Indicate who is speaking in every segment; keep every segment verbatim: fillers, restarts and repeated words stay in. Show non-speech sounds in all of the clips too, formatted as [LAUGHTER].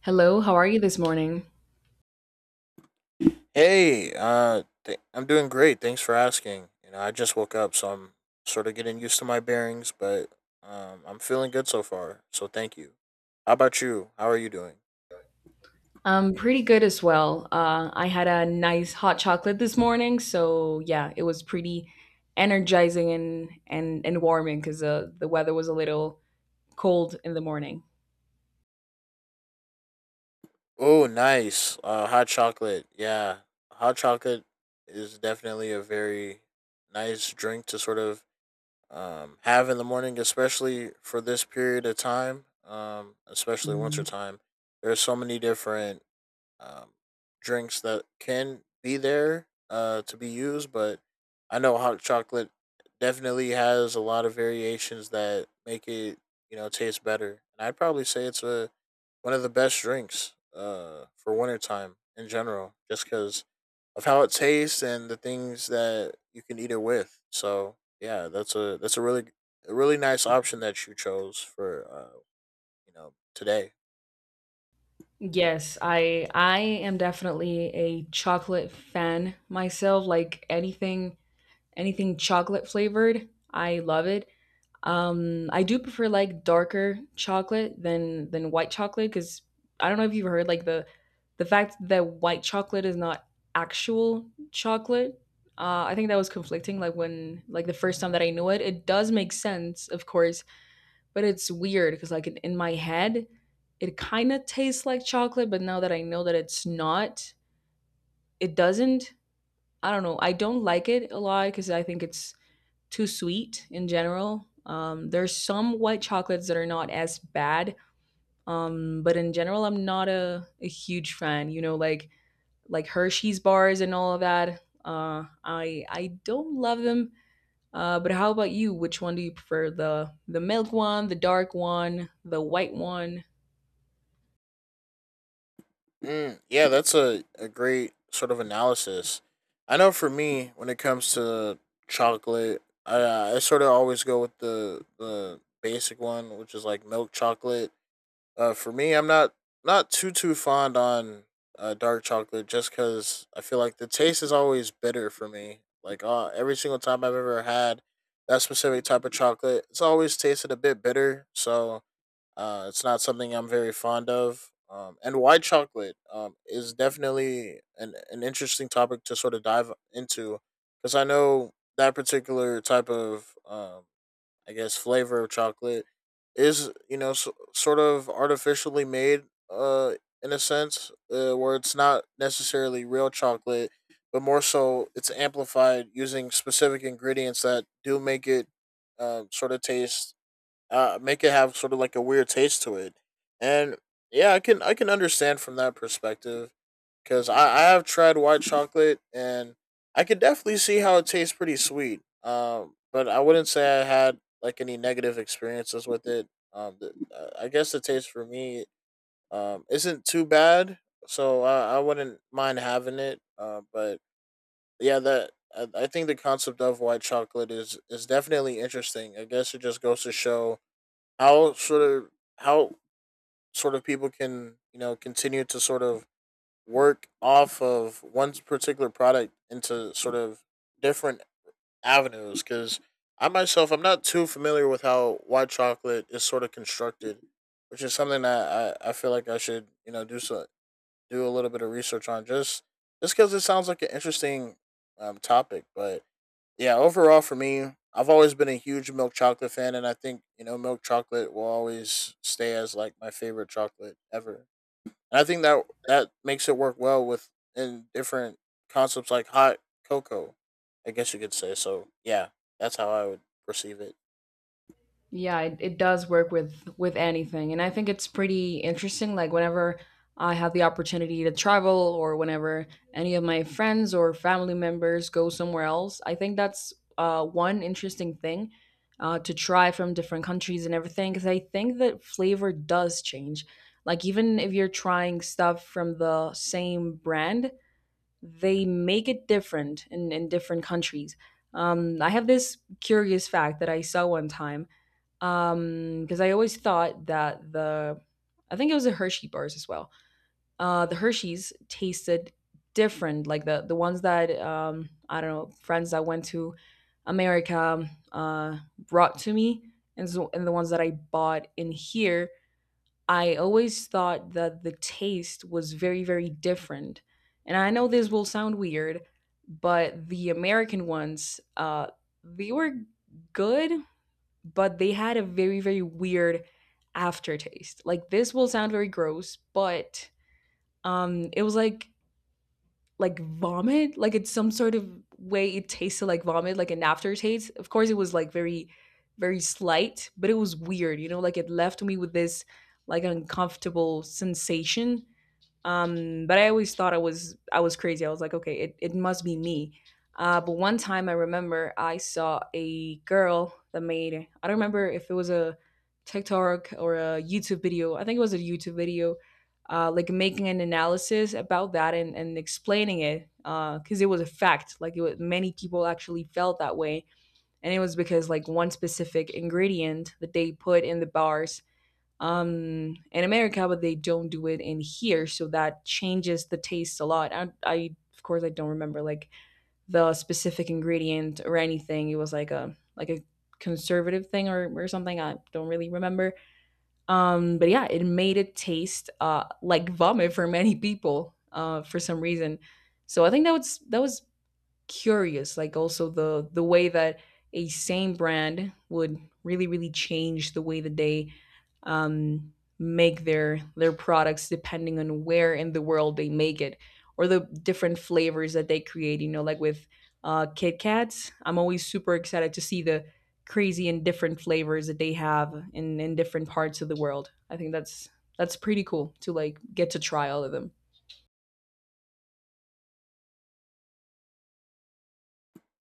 Speaker 1: Hello, how are you this morning?
Speaker 2: Hey, uh, th- I'm doing great. Thanks for asking. You know, I just woke up, so I'm sort of getting used to my bearings, but um, I'm feeling good so far. So thank you. How about you? How are you doing?
Speaker 1: I'm pretty good as well. Uh, I had a nice hot chocolate this morning, so yeah, it was pretty energizing and and and warming because uh, the weather was a little cold in the morning.
Speaker 2: Oh, nice. Uh, hot chocolate. Yeah, hot chocolate is definitely a very nice drink to sort of um have in the morning, especially for this period of time. Um, especially winter Mm, time. There's so many different um, drinks that can be there uh, to be used, but I know hot chocolate definitely has a lot of variations that make it you know taste better. And I'd probably say it's a one of the best drinks uh, for wintertime in general, just because of how it tastes and the things that you can eat it with. So yeah, that's a that's a really a really nice option that you chose for uh, you know today.
Speaker 1: Yes, I I am definitely a chocolate fan myself. Like anything anything chocolate flavored, I love it. Um, I do prefer like darker chocolate than than white chocolate because I don't know if you've heard like the the fact that white chocolate is not actual chocolate. Uh, I think that was conflicting. Like when like the first time that I knew it, it does make sense, of course, but it's weird because like in, in my head, it kind of tastes like chocolate, but now that I know that it's not, it doesn't. I don't know. I don't like it a lot because I think it's too sweet in general. Um, there's some white chocolates that are not as bad, um, but in general, I'm not a, a huge fan. You know, like like Hershey's bars and all of that. Uh, I I don't love them. Uh, but how about you? Which one do you prefer? The the milk one, the dark one, the white one?
Speaker 2: Mm, yeah, that's a, a great sort of analysis. I know for me, when it comes to chocolate, I, I sort of always go with the the basic one, which is like milk chocolate. Uh, for me, I'm not not too too fond on uh, dark chocolate just because I feel like the taste is always bitter for me. Like uh, every single time I've ever had that specific type of chocolate, it's always tasted a bit bitter. So uh, it's not something I'm very fond of. Um, and white chocolate um, is definitely an, an interesting topic to sort of dive into because I know that particular type of, um, I guess, flavor of chocolate is, you know, so, sort of artificially made uh, in a sense uh, where it's not necessarily real chocolate, but more so it's amplified using specific ingredients that do make it uh sort of taste uh, make it have sort of like a weird taste to it. And yeah, I can I can understand from that perspective because I, I have tried white chocolate and I could definitely see how it tastes pretty sweet. Um, but I wouldn't say I had like any negative experiences with it. Um, the, uh, I guess the taste for me um isn't too bad, so I, I wouldn't mind having it. Uh, but yeah, that I, I think the concept of white chocolate is is definitely interesting. I guess it just goes to show how sort of how sort of people can you know continue to sort of work off of one particular product into sort of different avenues because I myself I'm not too familiar with how white chocolate is sort of constructed which is something that I, I feel like I should you know do so do a little bit of research on just just because it sounds like an interesting um, topic. But yeah, overall for me, I've always been a huge milk chocolate fan, and I think you know milk chocolate will always stay as like my favorite chocolate ever. And I think that that makes it work well with in different concepts like hot cocoa, I guess you could say. So yeah, that's how I would perceive it.
Speaker 1: Yeah, it, it does work with with anything. And I think it's pretty interesting. Like whenever I have the opportunity to travel or whenever any of my friends or family members go somewhere else, I think that's uh, one interesting thing uh, to try from different countries and everything. Because I think that flavor does change. Like even if you're trying stuff from the same brand, they make it different in, in different countries. Um, I have this curious fact that I saw one time um because I always thought that the I think it was the Hershey bars as well, uh the Hershey's tasted different, like the the ones that um I don't know, friends that went to America uh brought to me, and so and the ones that I bought in here, I always thought that the taste was very very different. And I know this will sound weird, but the American ones, uh they were good, but they had a very very weird aftertaste. Like this will sound very gross, but um it was like like vomit, like it's some sort of way. It tasted like vomit, like an aftertaste. Of course it was like very very slight, but it was weird, you know, like it left me with this like uncomfortable sensation. Um, but I always thought I was I was crazy. I was like, okay, it, it must be me. Uh, but one time I remember I saw a girl that made, I don't remember if it was a TikTok or a YouTube video. I think it was a YouTube video, uh, like making an analysis about that, and, and explaining it, because it was a fact. Like it was, many people actually felt that way, and it was because like one specific ingredient that they put in the bars, um, in America, but they don't do it in here. So that changes the taste a lot. I, I of course, I don't remember like the specific ingredient or anything. It was like a like a conservative thing or, or something. I don't really remember. Um, but yeah, it made it taste uh, like vomit for many people uh, for some reason. So I think that was that was curious, like also the the way that a same brand would really really change the way that they um, make their their products depending on where in the world they make it, or the different flavors that they create, you know, like with uh, Kit Kats. I'm always super excited to see the crazy and different flavors that they have in in different parts of the world. I think that's that's pretty cool to like get to try all of them.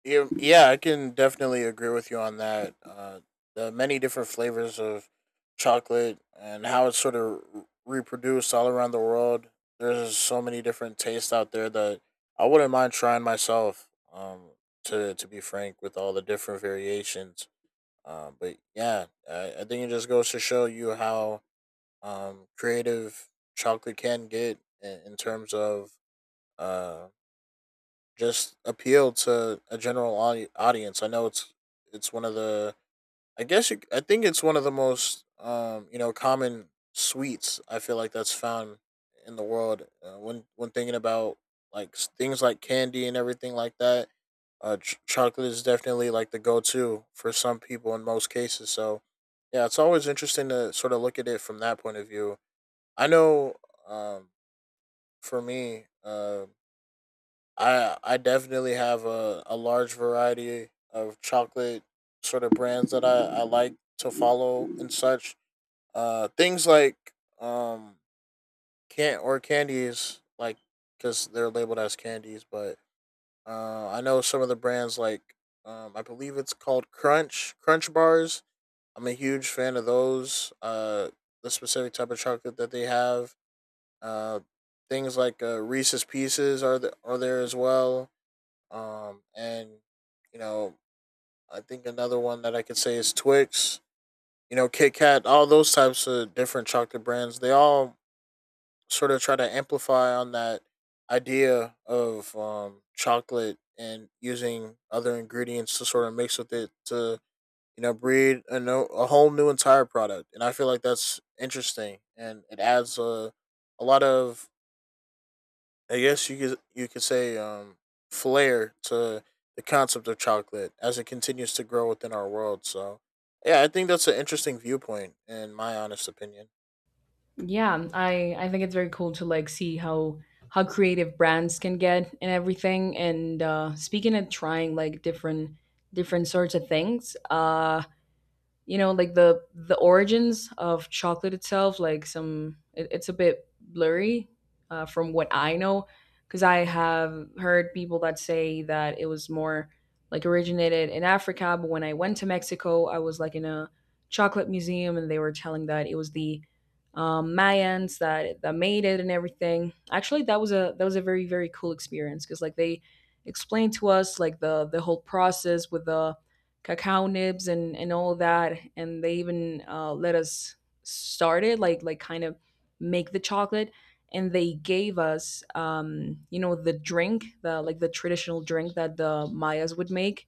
Speaker 2: Yeah, yeah, I can definitely agree with you on that. Uh, the many different flavors of chocolate and how it's sort of reproduced all around the world. There's so many different tastes out there that I wouldn't mind trying myself. Um, to to be frank, with all the different variations. Um, but yeah, I, I think it just goes to show you how um creative chocolate can get in, in terms of uh just appeal to a general audi- audience. I know it's it's one of the I guess you, I think it's one of the most um you know common sweets. I feel like that's found in the world uh, when when thinking about like s- things like candy and everything like that. Uh, ch- chocolate is definitely like the go-to for some people in most cases. So yeah, it's always interesting to sort of look at it from that point of view. I know um for me um I I definitely have a, a large variety of chocolate sort of brands that I, I like to follow and such. Uh, things like um can or candies like because they're labeled as candies, but uh, I know some of the brands like um I believe it's called Crunch Crunch bars. I'm a huge fan of those. Uh, the specific type of chocolate that they have. Uh, things like uh, Reese's Pieces are th- are there as well, um, and you know, I think another one that I could say is Twix. You know, Kit Kat, all those types of different chocolate brands. They all sort of try to amplify on that idea of um, chocolate and using other ingredients to sort of mix with it to you know breed a no, a whole new entire product. And I feel like that's interesting and it adds a a lot of I guess you could you could say um, flair to the concept of chocolate as it continues to grow within our world. So, yeah, I think that's an interesting viewpoint, in my honest opinion.
Speaker 1: Yeah, I I think it's very cool to like see how how creative brands can get and everything. And uh, speaking of trying like different different sorts of things, uh, you know, like the the origins of chocolate itself, like some, it, it's a bit blurry, uh, from what I know. Because I have heard people that say that it was more like originated in Africa, but when I went to Mexico, I was like in a chocolate museum, and they were telling that it was the um, Mayans that that made it and everything. Actually that was a that was a very very cool experience, because like they explained to us like the the whole process with the cacao nibs and and all that, and they even uh, let us start it, like like kind of make the chocolate. And they gave us, um you know, the drink, the like the traditional drink that the Mayas would make,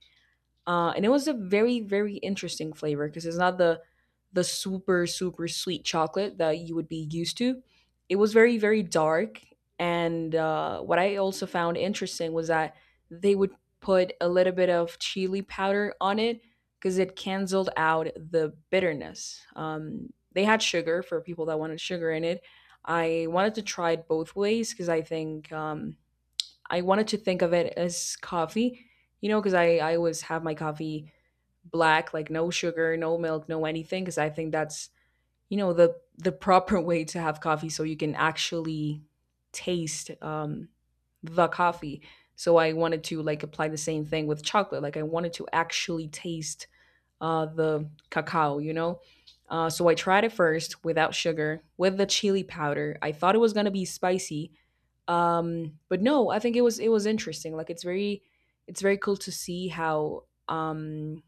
Speaker 1: uh, and it was a very very interesting flavor, because it's not the the super super sweet chocolate that you would be used to. It was very very dark, and uh, what I also found interesting was that they would put a little bit of chili powder on it, because it canceled out the bitterness. Um, they had sugar for people that wanted sugar in it. I wanted to try it both ways because I think, um, I wanted to think of it as coffee, you know, because I, I always have my coffee black, like no sugar, no milk, no anything, because I think that's, you know, the the proper [LAUGHS] way to have coffee so you can actually taste, um, the coffee. So I wanted to like apply the same thing with chocolate. Like I wanted to actually taste uh, the cacao, you know? Uh, so I tried it first without sugar, with the chili powder. I thought it was going to be spicy, um but no, I think it was it was interesting. Like it's very it's very cool to see how, um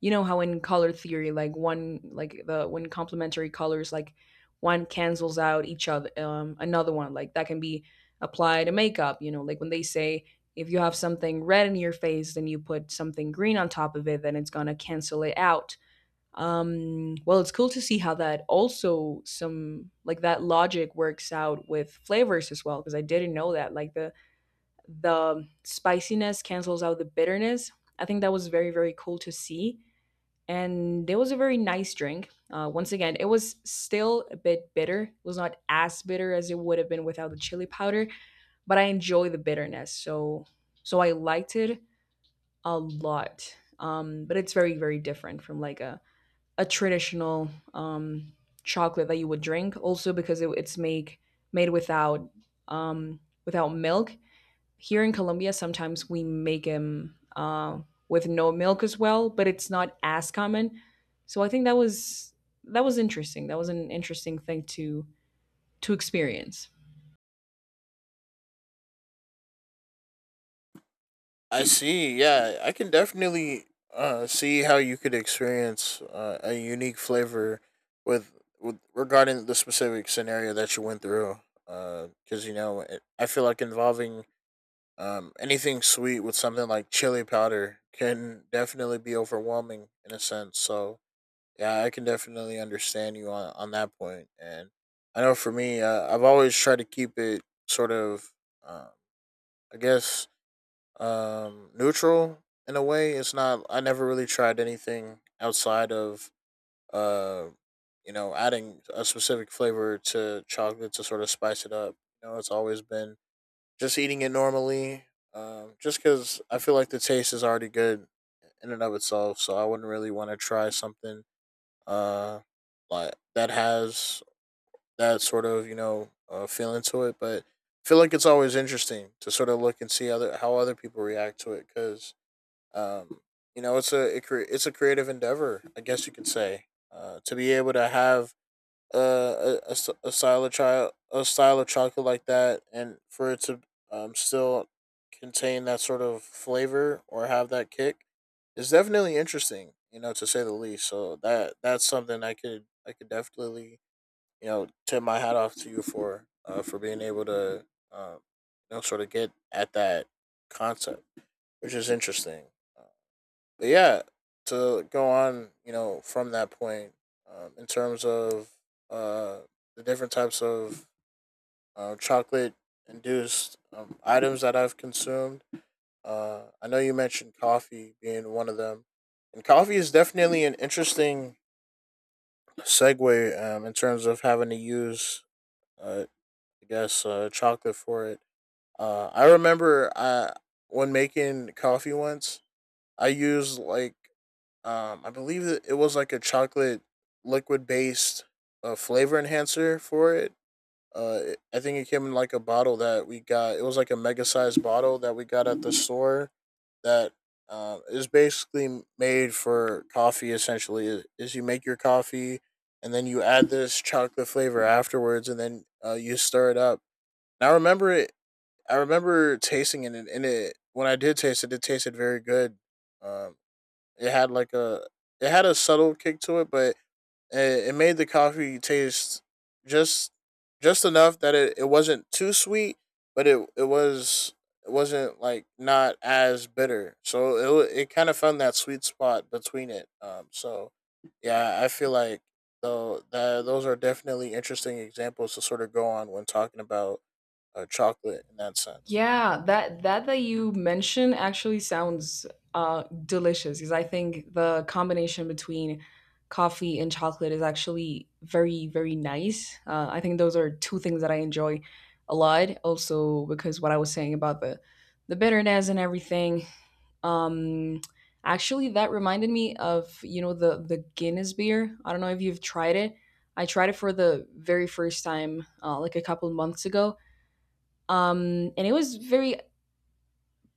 Speaker 1: you know, how in color theory, like one like the when complementary colors, like one cancels out each other. Um another one like that can be applied to makeup, you know, like when they say if you have something red in your face, then you put something green on top of it, then it's going to cancel it out. Um well, it's cool to see how that, also some like that logic works out with flavors as well, because I didn't know that like the the spiciness cancels out the bitterness. I think that was very very cool to see. And it was a very nice drink. Uh, once again, it was still a bit bitter. It was not as bitter as it would have been without the chili powder, but I enjoy the bitterness, so so I liked it a lot. Um but it's very very different from like a a traditional, um, chocolate that you would drink. Also because it, it's make made without, um, without milk. Here in Colombia, sometimes we make them uh, with no milk as well, but it's not as common. So I think that was that was interesting. That was an interesting thing to to experience.
Speaker 2: I see. Yeah, I can definitely uh, see how you could experience uh, a unique flavor with, with regarding the specific scenario that you went through. Because uh, you know, it, I feel like involving um, anything sweet with something like chili powder can definitely be overwhelming in a sense. So, yeah, I can definitely understand you on, on that point. And I know for me, uh, I've always tried to keep it sort of, um, I guess, um, neutral in a way. It's not, I never really tried anything outside of, uh, you know, adding a specific flavor to chocolate to sort of spice it up. You know, it's always been just eating it normally, um, just because I feel like the taste is already good in and of itself. So I wouldn't really want to try something uh like that has that sort of you know uh, feeling to it, but I feel like it's always interesting to sort of look and see other how other people react to it because um you know it's a it cre- it's a creative endeavor, I guess you could say, uh to be able to have uh, a a, a style of child a style of chocolate like that and for it to um, still contain that sort of flavor or have that kick is definitely interesting, you know, to say the least. So that that's something i could I could definitely you know tip my hat off to you for uh, for being able to um, you know sort of get at that concept which is interesting. But yeah, to go on, you know, from that point, um, in terms of uh, the different types of uh, chocolate induced um, items that I've consumed, uh, I know you mentioned coffee being one of them. And coffee is definitely an interesting segue um, in terms of having to use, uh, I guess, uh, chocolate for it. Uh, I remember I, when making coffee once, I used like Um, I believe that it was like a chocolate liquid based uh, flavor enhancer for it. Uh, it, I think it came in like a bottle that we got. It was like a mega sized bottle that we got at the store. That um, is basically made for coffee. Essentially, is, is you make your coffee and then you add this chocolate flavor afterwards, and then uh, you stir it up. And I remember it. I remember tasting it, and, and it when I did taste it, it tasted very good. Um, it had like a it had a subtle kick to it, but it, it made the coffee taste just just enough that it, it wasn't too sweet, but it it was it wasn't like not as bitter. So it it kind of found that sweet spot between it. Um, so yeah, I feel like though that those are definitely interesting examples to sort of go on when talking about uh, chocolate in that sense.
Speaker 1: Yeah, that that that you mention actually sounds uh delicious, because I think the combination between coffee and chocolate is actually very, very nice. Uh, I think those are two things that I enjoy a lot. Also, because what I was saying about the the bitterness and everything. Um, Actually, that reminded me of, you know, the the Guinness beer. I don't know if you've tried it. I tried it for the very first time uh, like a couple months ago. Um and it was very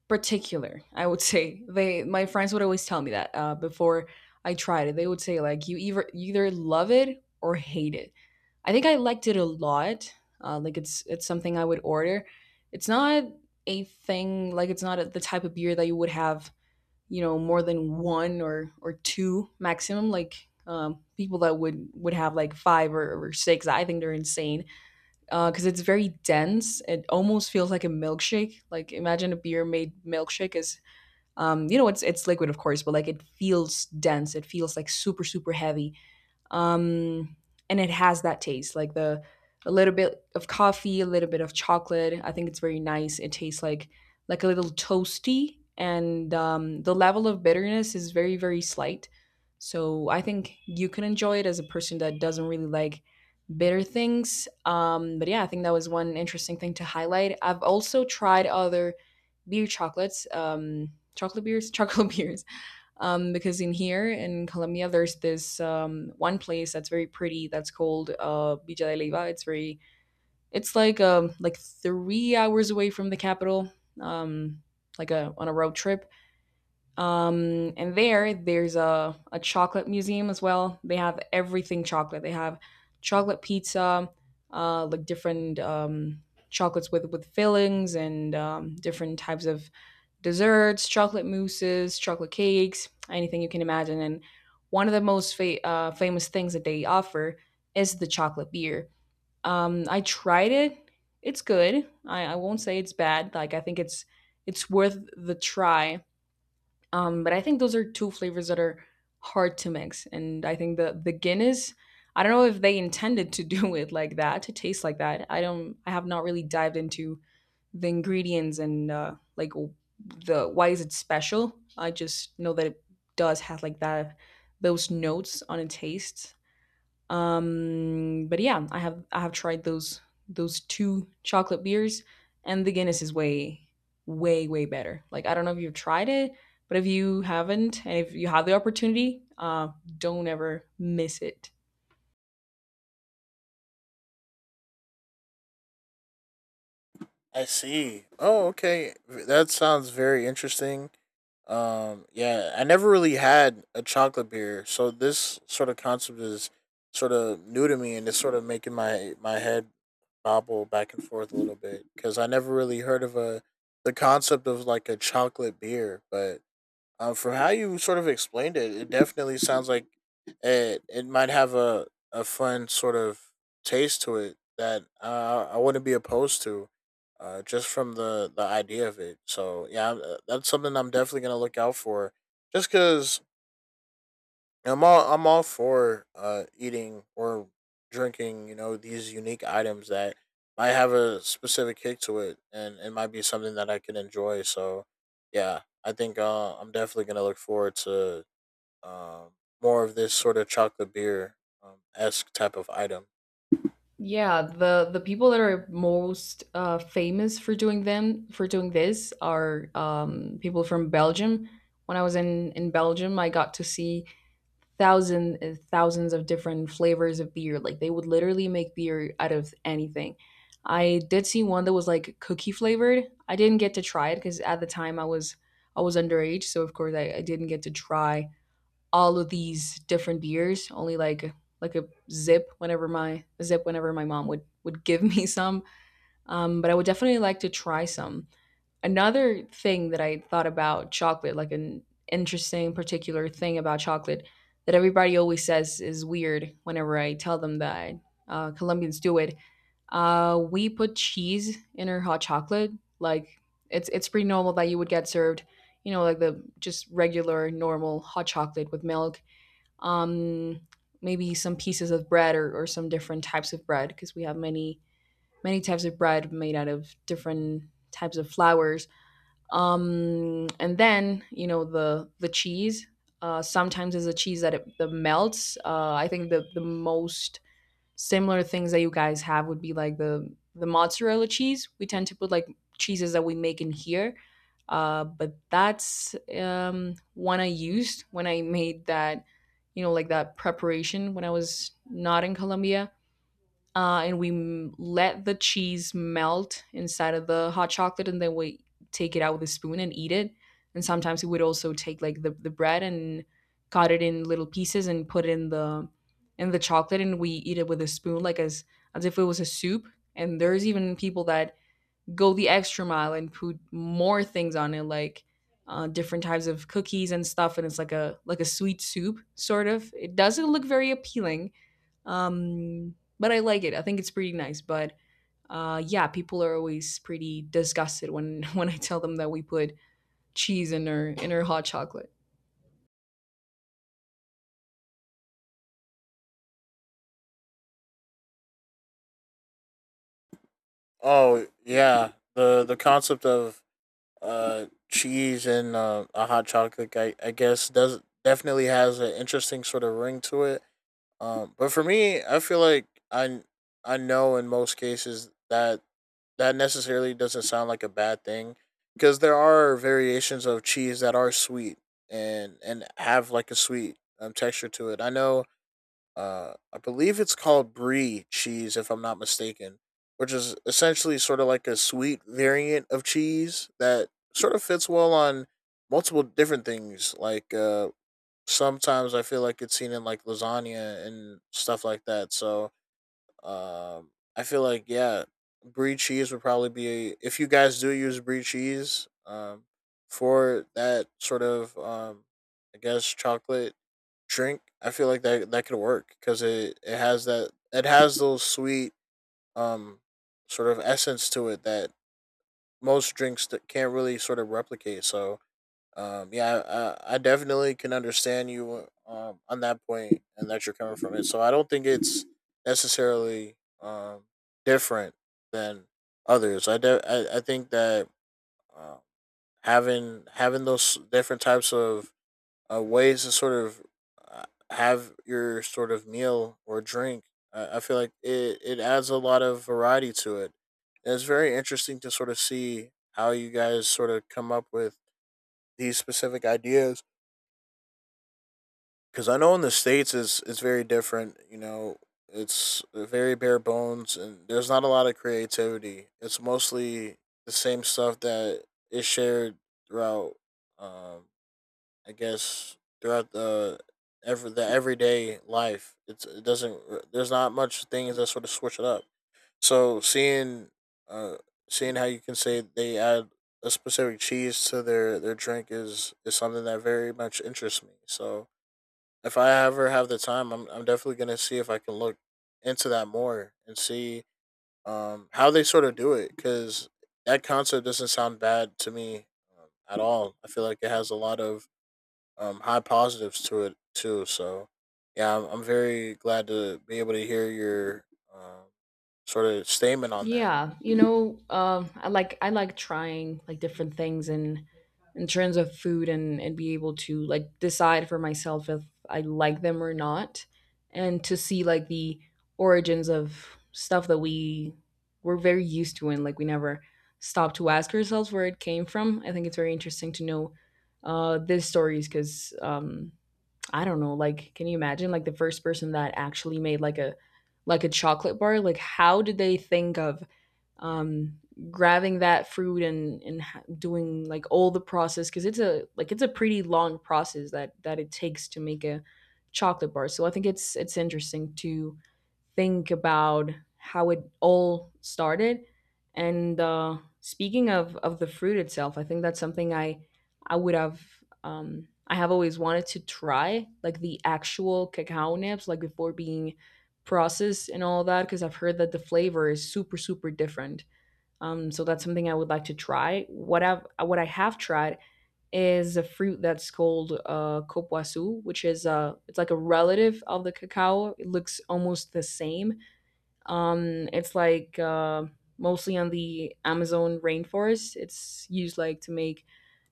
Speaker 1: particular, I would say. They My friends would always tell me that, uh, before I tried it, they would say like you either either love it or hate it. I think I liked it a lot. Uh, like it's it's something I would order. It's not a thing, like it's not a, the type of beer that you would have, you know, more than one or or two maximum. Like, um, people that would would have like five or, or six, I think they're insane. Uh, because it's very dense. It almost feels like a milkshake. Like imagine a beer made milkshake is, um, you know, it's it's liquid of course, but like it feels dense. It feels like super super heavy, um, and it has that taste, like the a little bit of coffee, a little bit of chocolate. I think it's very nice. It tastes like like a little toasty, and um, the level of bitterness is very very slight. So I think you can enjoy it as a person that doesn't really like bitter things. Um, but yeah, I think that was one interesting thing to highlight. I've also tried other beer chocolates, um, chocolate beers, [LAUGHS] chocolate beers. Um, because in here in Colombia, there's this um, one place that's very pretty that's called uh, Villa de Leyva. It's very, it's like um, like three hours away from the capital, um, like a on a road trip. Um, and there, there's a, a chocolate museum as well. They have everything chocolate. They have chocolate pizza, uh, like different um, chocolates with, with fillings and um, different types of desserts, chocolate mousses, chocolate cakes, anything you can imagine. And one of the most fa- uh, famous things that they offer is the chocolate beer. Um, I tried it. It's good. I, I won't say it's bad. Like I think it's it's worth the try um, but I think those are two flavors that are hard to mix. And I think the the Guinness, I don't know if they intended to do [LAUGHS] it like that, to taste like that. I don't I have not really dived into the ingredients and uh, like w- the why is it special? I just know that it does have like that those notes on a taste, um, but yeah, I have I have tried those those two chocolate beers, and the Guinness is way way way better. Like I don't know if you've tried it, but if you haven't, and if you have the opportunity, uh, don't ever miss it.
Speaker 2: I see. Oh, okay. That sounds very interesting. Um, yeah, I never really had a chocolate beer, so this sort of concept is sort of new to me, and it's sort of making my my head bobble back and forth a little bit because I never really heard of a the concept of like a chocolate beer, but um, from how you sort of explained it, it definitely sounds like it. It might have a a fun sort of taste to it that uh, I wouldn't be opposed to, uh, just from the the idea of it. So yeah, I'm- uh, that's something I'm definitely gonna look out for. Just because I'm all I'm all for uh eating or drinking, you know, these unique items that might have a specific kick to it, and it might be something that I can enjoy. So yeah, I think uh I'm definitely gonna look forward to um more of this sort of chocolate beer um esque type of item.
Speaker 1: Yeah, the the people that are most uh, famous for doing them for doing this are um, people from Belgium. When I was in in Belgium, I got to see thousand uh, thousands of different flavors of beer. Like they would literally make beer out of anything. I did see one that was like cookie flavored. I didn't get to try it because at the time I was I was underage, so of course I, I didn't get to try all of these different beers. Only like like a zip whenever my a zip whenever my mom would would give [LAUGHS] me some. Um, but I would definitely like to try some. Another thing that I thought about chocolate, like an interesting particular thing about chocolate that everybody always says is weird whenever I tell them that uh, Colombians do it. Uh, we put cheese in our hot chocolate. Like it's it's pretty normal that you would get served, you know, like the just regular normal hot chocolate with milk. Um, maybe some pieces of bread or, or some different types of bread because we have many many types of bread made out of different types of flours, um and then, you know, the the cheese, uh sometimes is a cheese that it the melts. uh I think the the most similar things that you guys have would be like the the mozzarella cheese. We tend to put like cheeses that we make in here, uh but that's, um one I used when I made that, you know, like that preparation when I was not in Colombia. uh, and we m- let the cheese melt inside of the hot chocolate, and then we take it out with a spoon and eat it. And sometimes we would also take like the, the bread and cut it in little pieces and put it in the in the chocolate, and we eat it with a spoon, like as as if it was a soup. And there's even people that go the extra mile and put more things on it, like uh, different types of cookies and stuff. And it's like a like a sweet soup sort of. It doesn't look very appealing, um, but I like it. I think it's pretty nice. But uh, yeah, people are always pretty disgusted when [LAUGHS] when I tell them that we put cheese in our in our hot chocolate.
Speaker 2: Oh yeah. The the concept of uh cheese and uh, a hot chocolate, I, I guess does definitely has an interesting sort of ring to it. Um, but for me, I feel like I I know in most cases that that necessarily doesn't sound like a bad thing, because there are variations of cheese that are sweet and and have like a sweet um, texture to it. I know uh I believe it's called brie cheese, if I'm not mistaken, which is essentially sort of like a sweet variant of cheese that sort of fits well on multiple different things like uh sometimes I feel like it's seen in like lasagna and stuff like that. So um, I feel like yeah, brie cheese would probably be, if you guys do use brie cheese um, for that sort of um, I guess chocolate drink. I feel like that that could work, because it it has that, it has those sweet um sort of essence to it that most drinks that can't really sort of replicate. So um, yeah, I, I definitely can understand you um, on that point and that you're coming from it. So I don't think it's necessarily um, different than others. I, de- I, I think that uh, having having those different types of uh, ways to sort of uh, have your sort of meal or drink, I, I feel like it, it adds a lot of variety to it. And it's very interesting to sort of see how you guys sort of come up with these specific ideas, because I know in the states it's it's very different. You know, it's very bare bones, and there's not a lot of creativity. It's mostly the same stuff that is shared throughout. Um, I guess throughout the every the everyday life, it's it doesn't. There's not much things that sort of switch it up. So seeing, uh, seeing how you can say they add a specific cheese to their their drink is is something that very much interests me. So if I ever have the time, I'm I'm definitely gonna see if I can look into that more and see um how they sort of do it, because that concept doesn't sound bad to me um, at all. I feel like it has a lot of um high positives to it too. So yeah, I'm, I'm very glad to be able to hear your um, sort of statement on that.
Speaker 1: Yeah, you know, um, I like I like trying like different things in in terms of food and and be able to like decide for myself if I like them or not, and to see like the origins of stuff that we we're very used to and like we never stop to ask ourselves where it came from. I think it's very interesting to know uh these stories, because um I don't know, like can you imagine like the first person that actually made like a like a chocolate bar? Like how did they think of um grabbing that fruit and and doing like all the process, because it's a like it's a pretty long process that that it takes to make a chocolate bar. So I think it's it's interesting to think about how it all started. And uh speaking of of the fruit itself, I think that's something i I would have, um I have always wanted to try like the actual cacao nibs, like before being processed and all that, because I've heard that the flavor is super super different, um, so that's something I would like to try. What I've what I have tried is a fruit that's called uh, copoasu, which is uh, it's like a relative of the cacao. It looks almost the same. Um, it's like uh, mostly on the Amazon rainforest. It's used like to make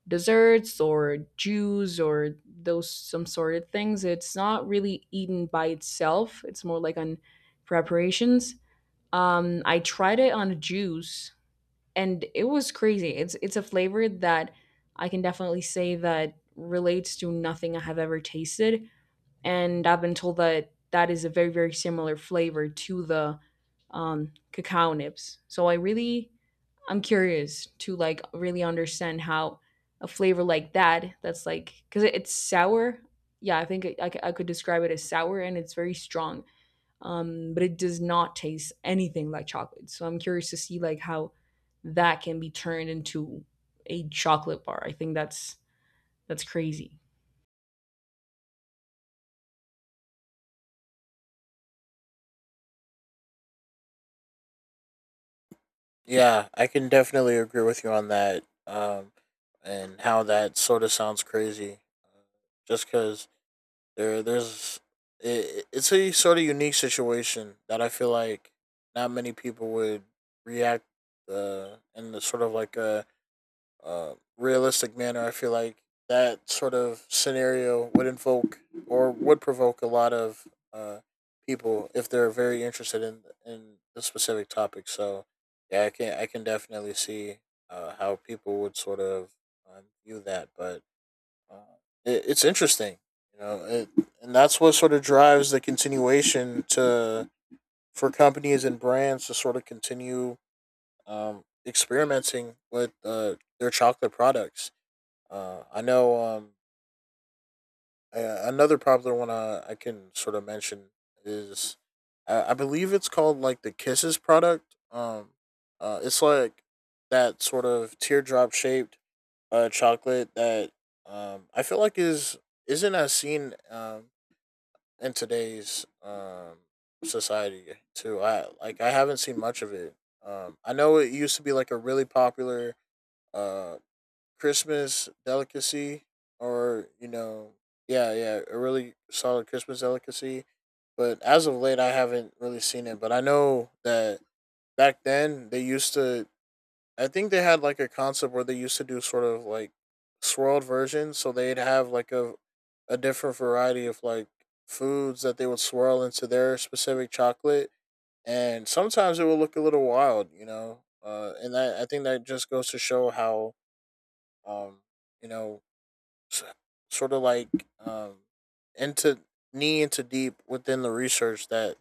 Speaker 1: desserts or juice or those some sort of things. It's not really eaten by itself. It's more like on preparations. Um, I tried it on a juice and it was crazy. It's it's a flavor that I can definitely say that relates to nothing I have ever tasted, and I've been told that that is a very very similar flavor to the um, cacao nibs. So I really I'm curious to like really understand how a flavor like that that's like, because it's sour. Yeah, I think I, I c- I could describe it as sour and it's very strong, um, but it does not taste anything like chocolate. So I'm curious to see like how that can be turned into a chocolate bar. I think that's that's crazy.
Speaker 2: Yeah, I can definitely agree with you on that. Um, and how that sort of sounds crazy, uh, just because There, there's it, it's a sort of unique situation that I feel like not many people would react uh, in the sort of like a uh, realistic manner. I feel like that sort of scenario would invoke or would provoke a lot of uh, people if they're very interested in in the specific topic. So yeah, I can I can definitely see uh, how people would sort of um, view that, but uh, it, it's interesting, you know, it, and that's what sort of drives the continuation to for companies and brands to sort of continue um, experimenting with uh, their chocolate products. Uh, I know um, a- another popular one I, I can sort of mention is I, I believe it's called like the Kisses product. Um, uh, it's like that sort of teardrop shaped uh, chocolate that um, I feel like is isn't as seen um, in today's um, society too. I like I haven't seen much of it. Um, I know it used to be like a really popular uh, Christmas delicacy, or you know, yeah, yeah, a really solid Christmas delicacy. But as of late, I haven't really seen it. But I know that back then they used to I think they had like a concept where they used to do sort of like swirled versions, so they'd have like a a different variety of like foods that they would swirl into their specific chocolate, and sometimes it would look a little wild, you know. Uh, and that I think that just goes to show how um you know s- sort of like um into knee into deep within the research that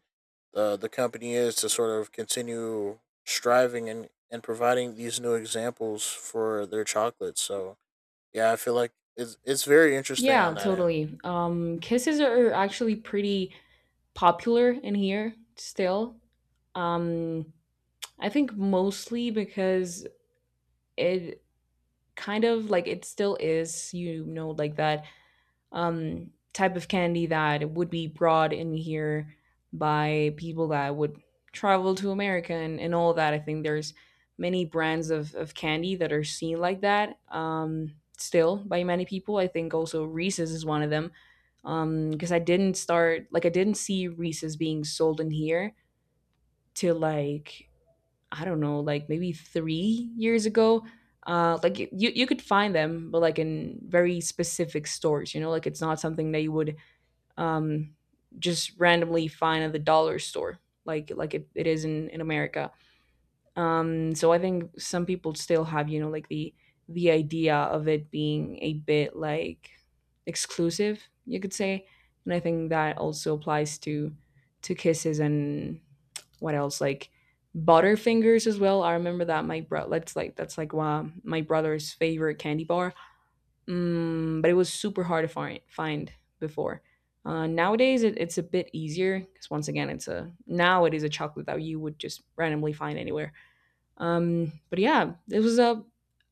Speaker 2: uh, the company is to sort of continue striving and, and providing these new examples for their chocolates. So yeah, I feel like it's it's very interesting on
Speaker 1: Yeah,
Speaker 2: that end.
Speaker 1: totally. Um, kisses are actually pretty popular in here still. Um, I think mostly because it kind of like it still is, you know, like that um, type of candy that would be brought in here by people that would travel to America and, and all that. I think there's many brands of, of candy that are seen like that, um, still by many people. I think also Reese's is one of them, because um, I didn't start like I didn't see Reese's being sold in here till like I don't know, like maybe three years ago. Uh, like y- you, you could find them, but like in very specific stores. You know, like it's not something that you would um, just randomly find at the dollar store, like like it, it is in in America. Um, so I think some people still have, you know, like the the idea of it being a bit like exclusive, you could say. And I think that also applies to to kisses and what else like butterfingers as well. I remember that my bro that's like that's like wow, my brother's favorite candy bar. Mm, but it was super hard to find find before. Uh, nowadays, it, it's a bit easier because once again, it's a now it is a chocolate that you would just randomly find anywhere. Um, but yeah, it was a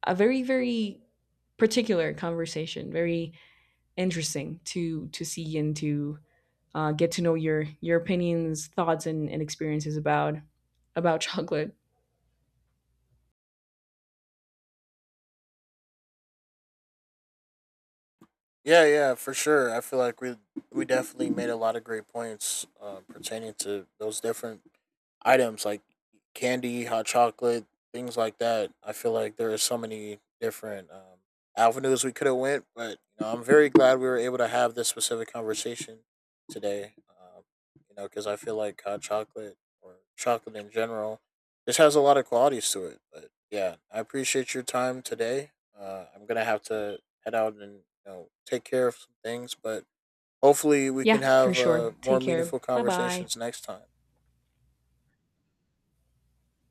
Speaker 1: a very very particular conversation, very interesting to to see and to uh, get to know your your opinions, thoughts, and, and experiences about about [LAUGHS] chocolate.
Speaker 2: Yeah, yeah, for sure. I feel like we we definitely made a lot of great points uh, pertaining to those different items like candy, hot chocolate, things like that. I feel like there are so many different um, avenues we could have went, but you know, I'm very glad we were able to have this specific conversation today. Um, you know, because I feel like hot chocolate or chocolate in general just has a lot of qualities to it. But yeah, I appreciate your time today. Uh, I'm gonna have to head out and you know take care of some things, but hopefully we can
Speaker 1: Yeah, for
Speaker 2: have
Speaker 1: sure.
Speaker 2: uh, more
Speaker 1: Take care.
Speaker 2: meaningful
Speaker 1: Bye bye.
Speaker 2: conversations next time.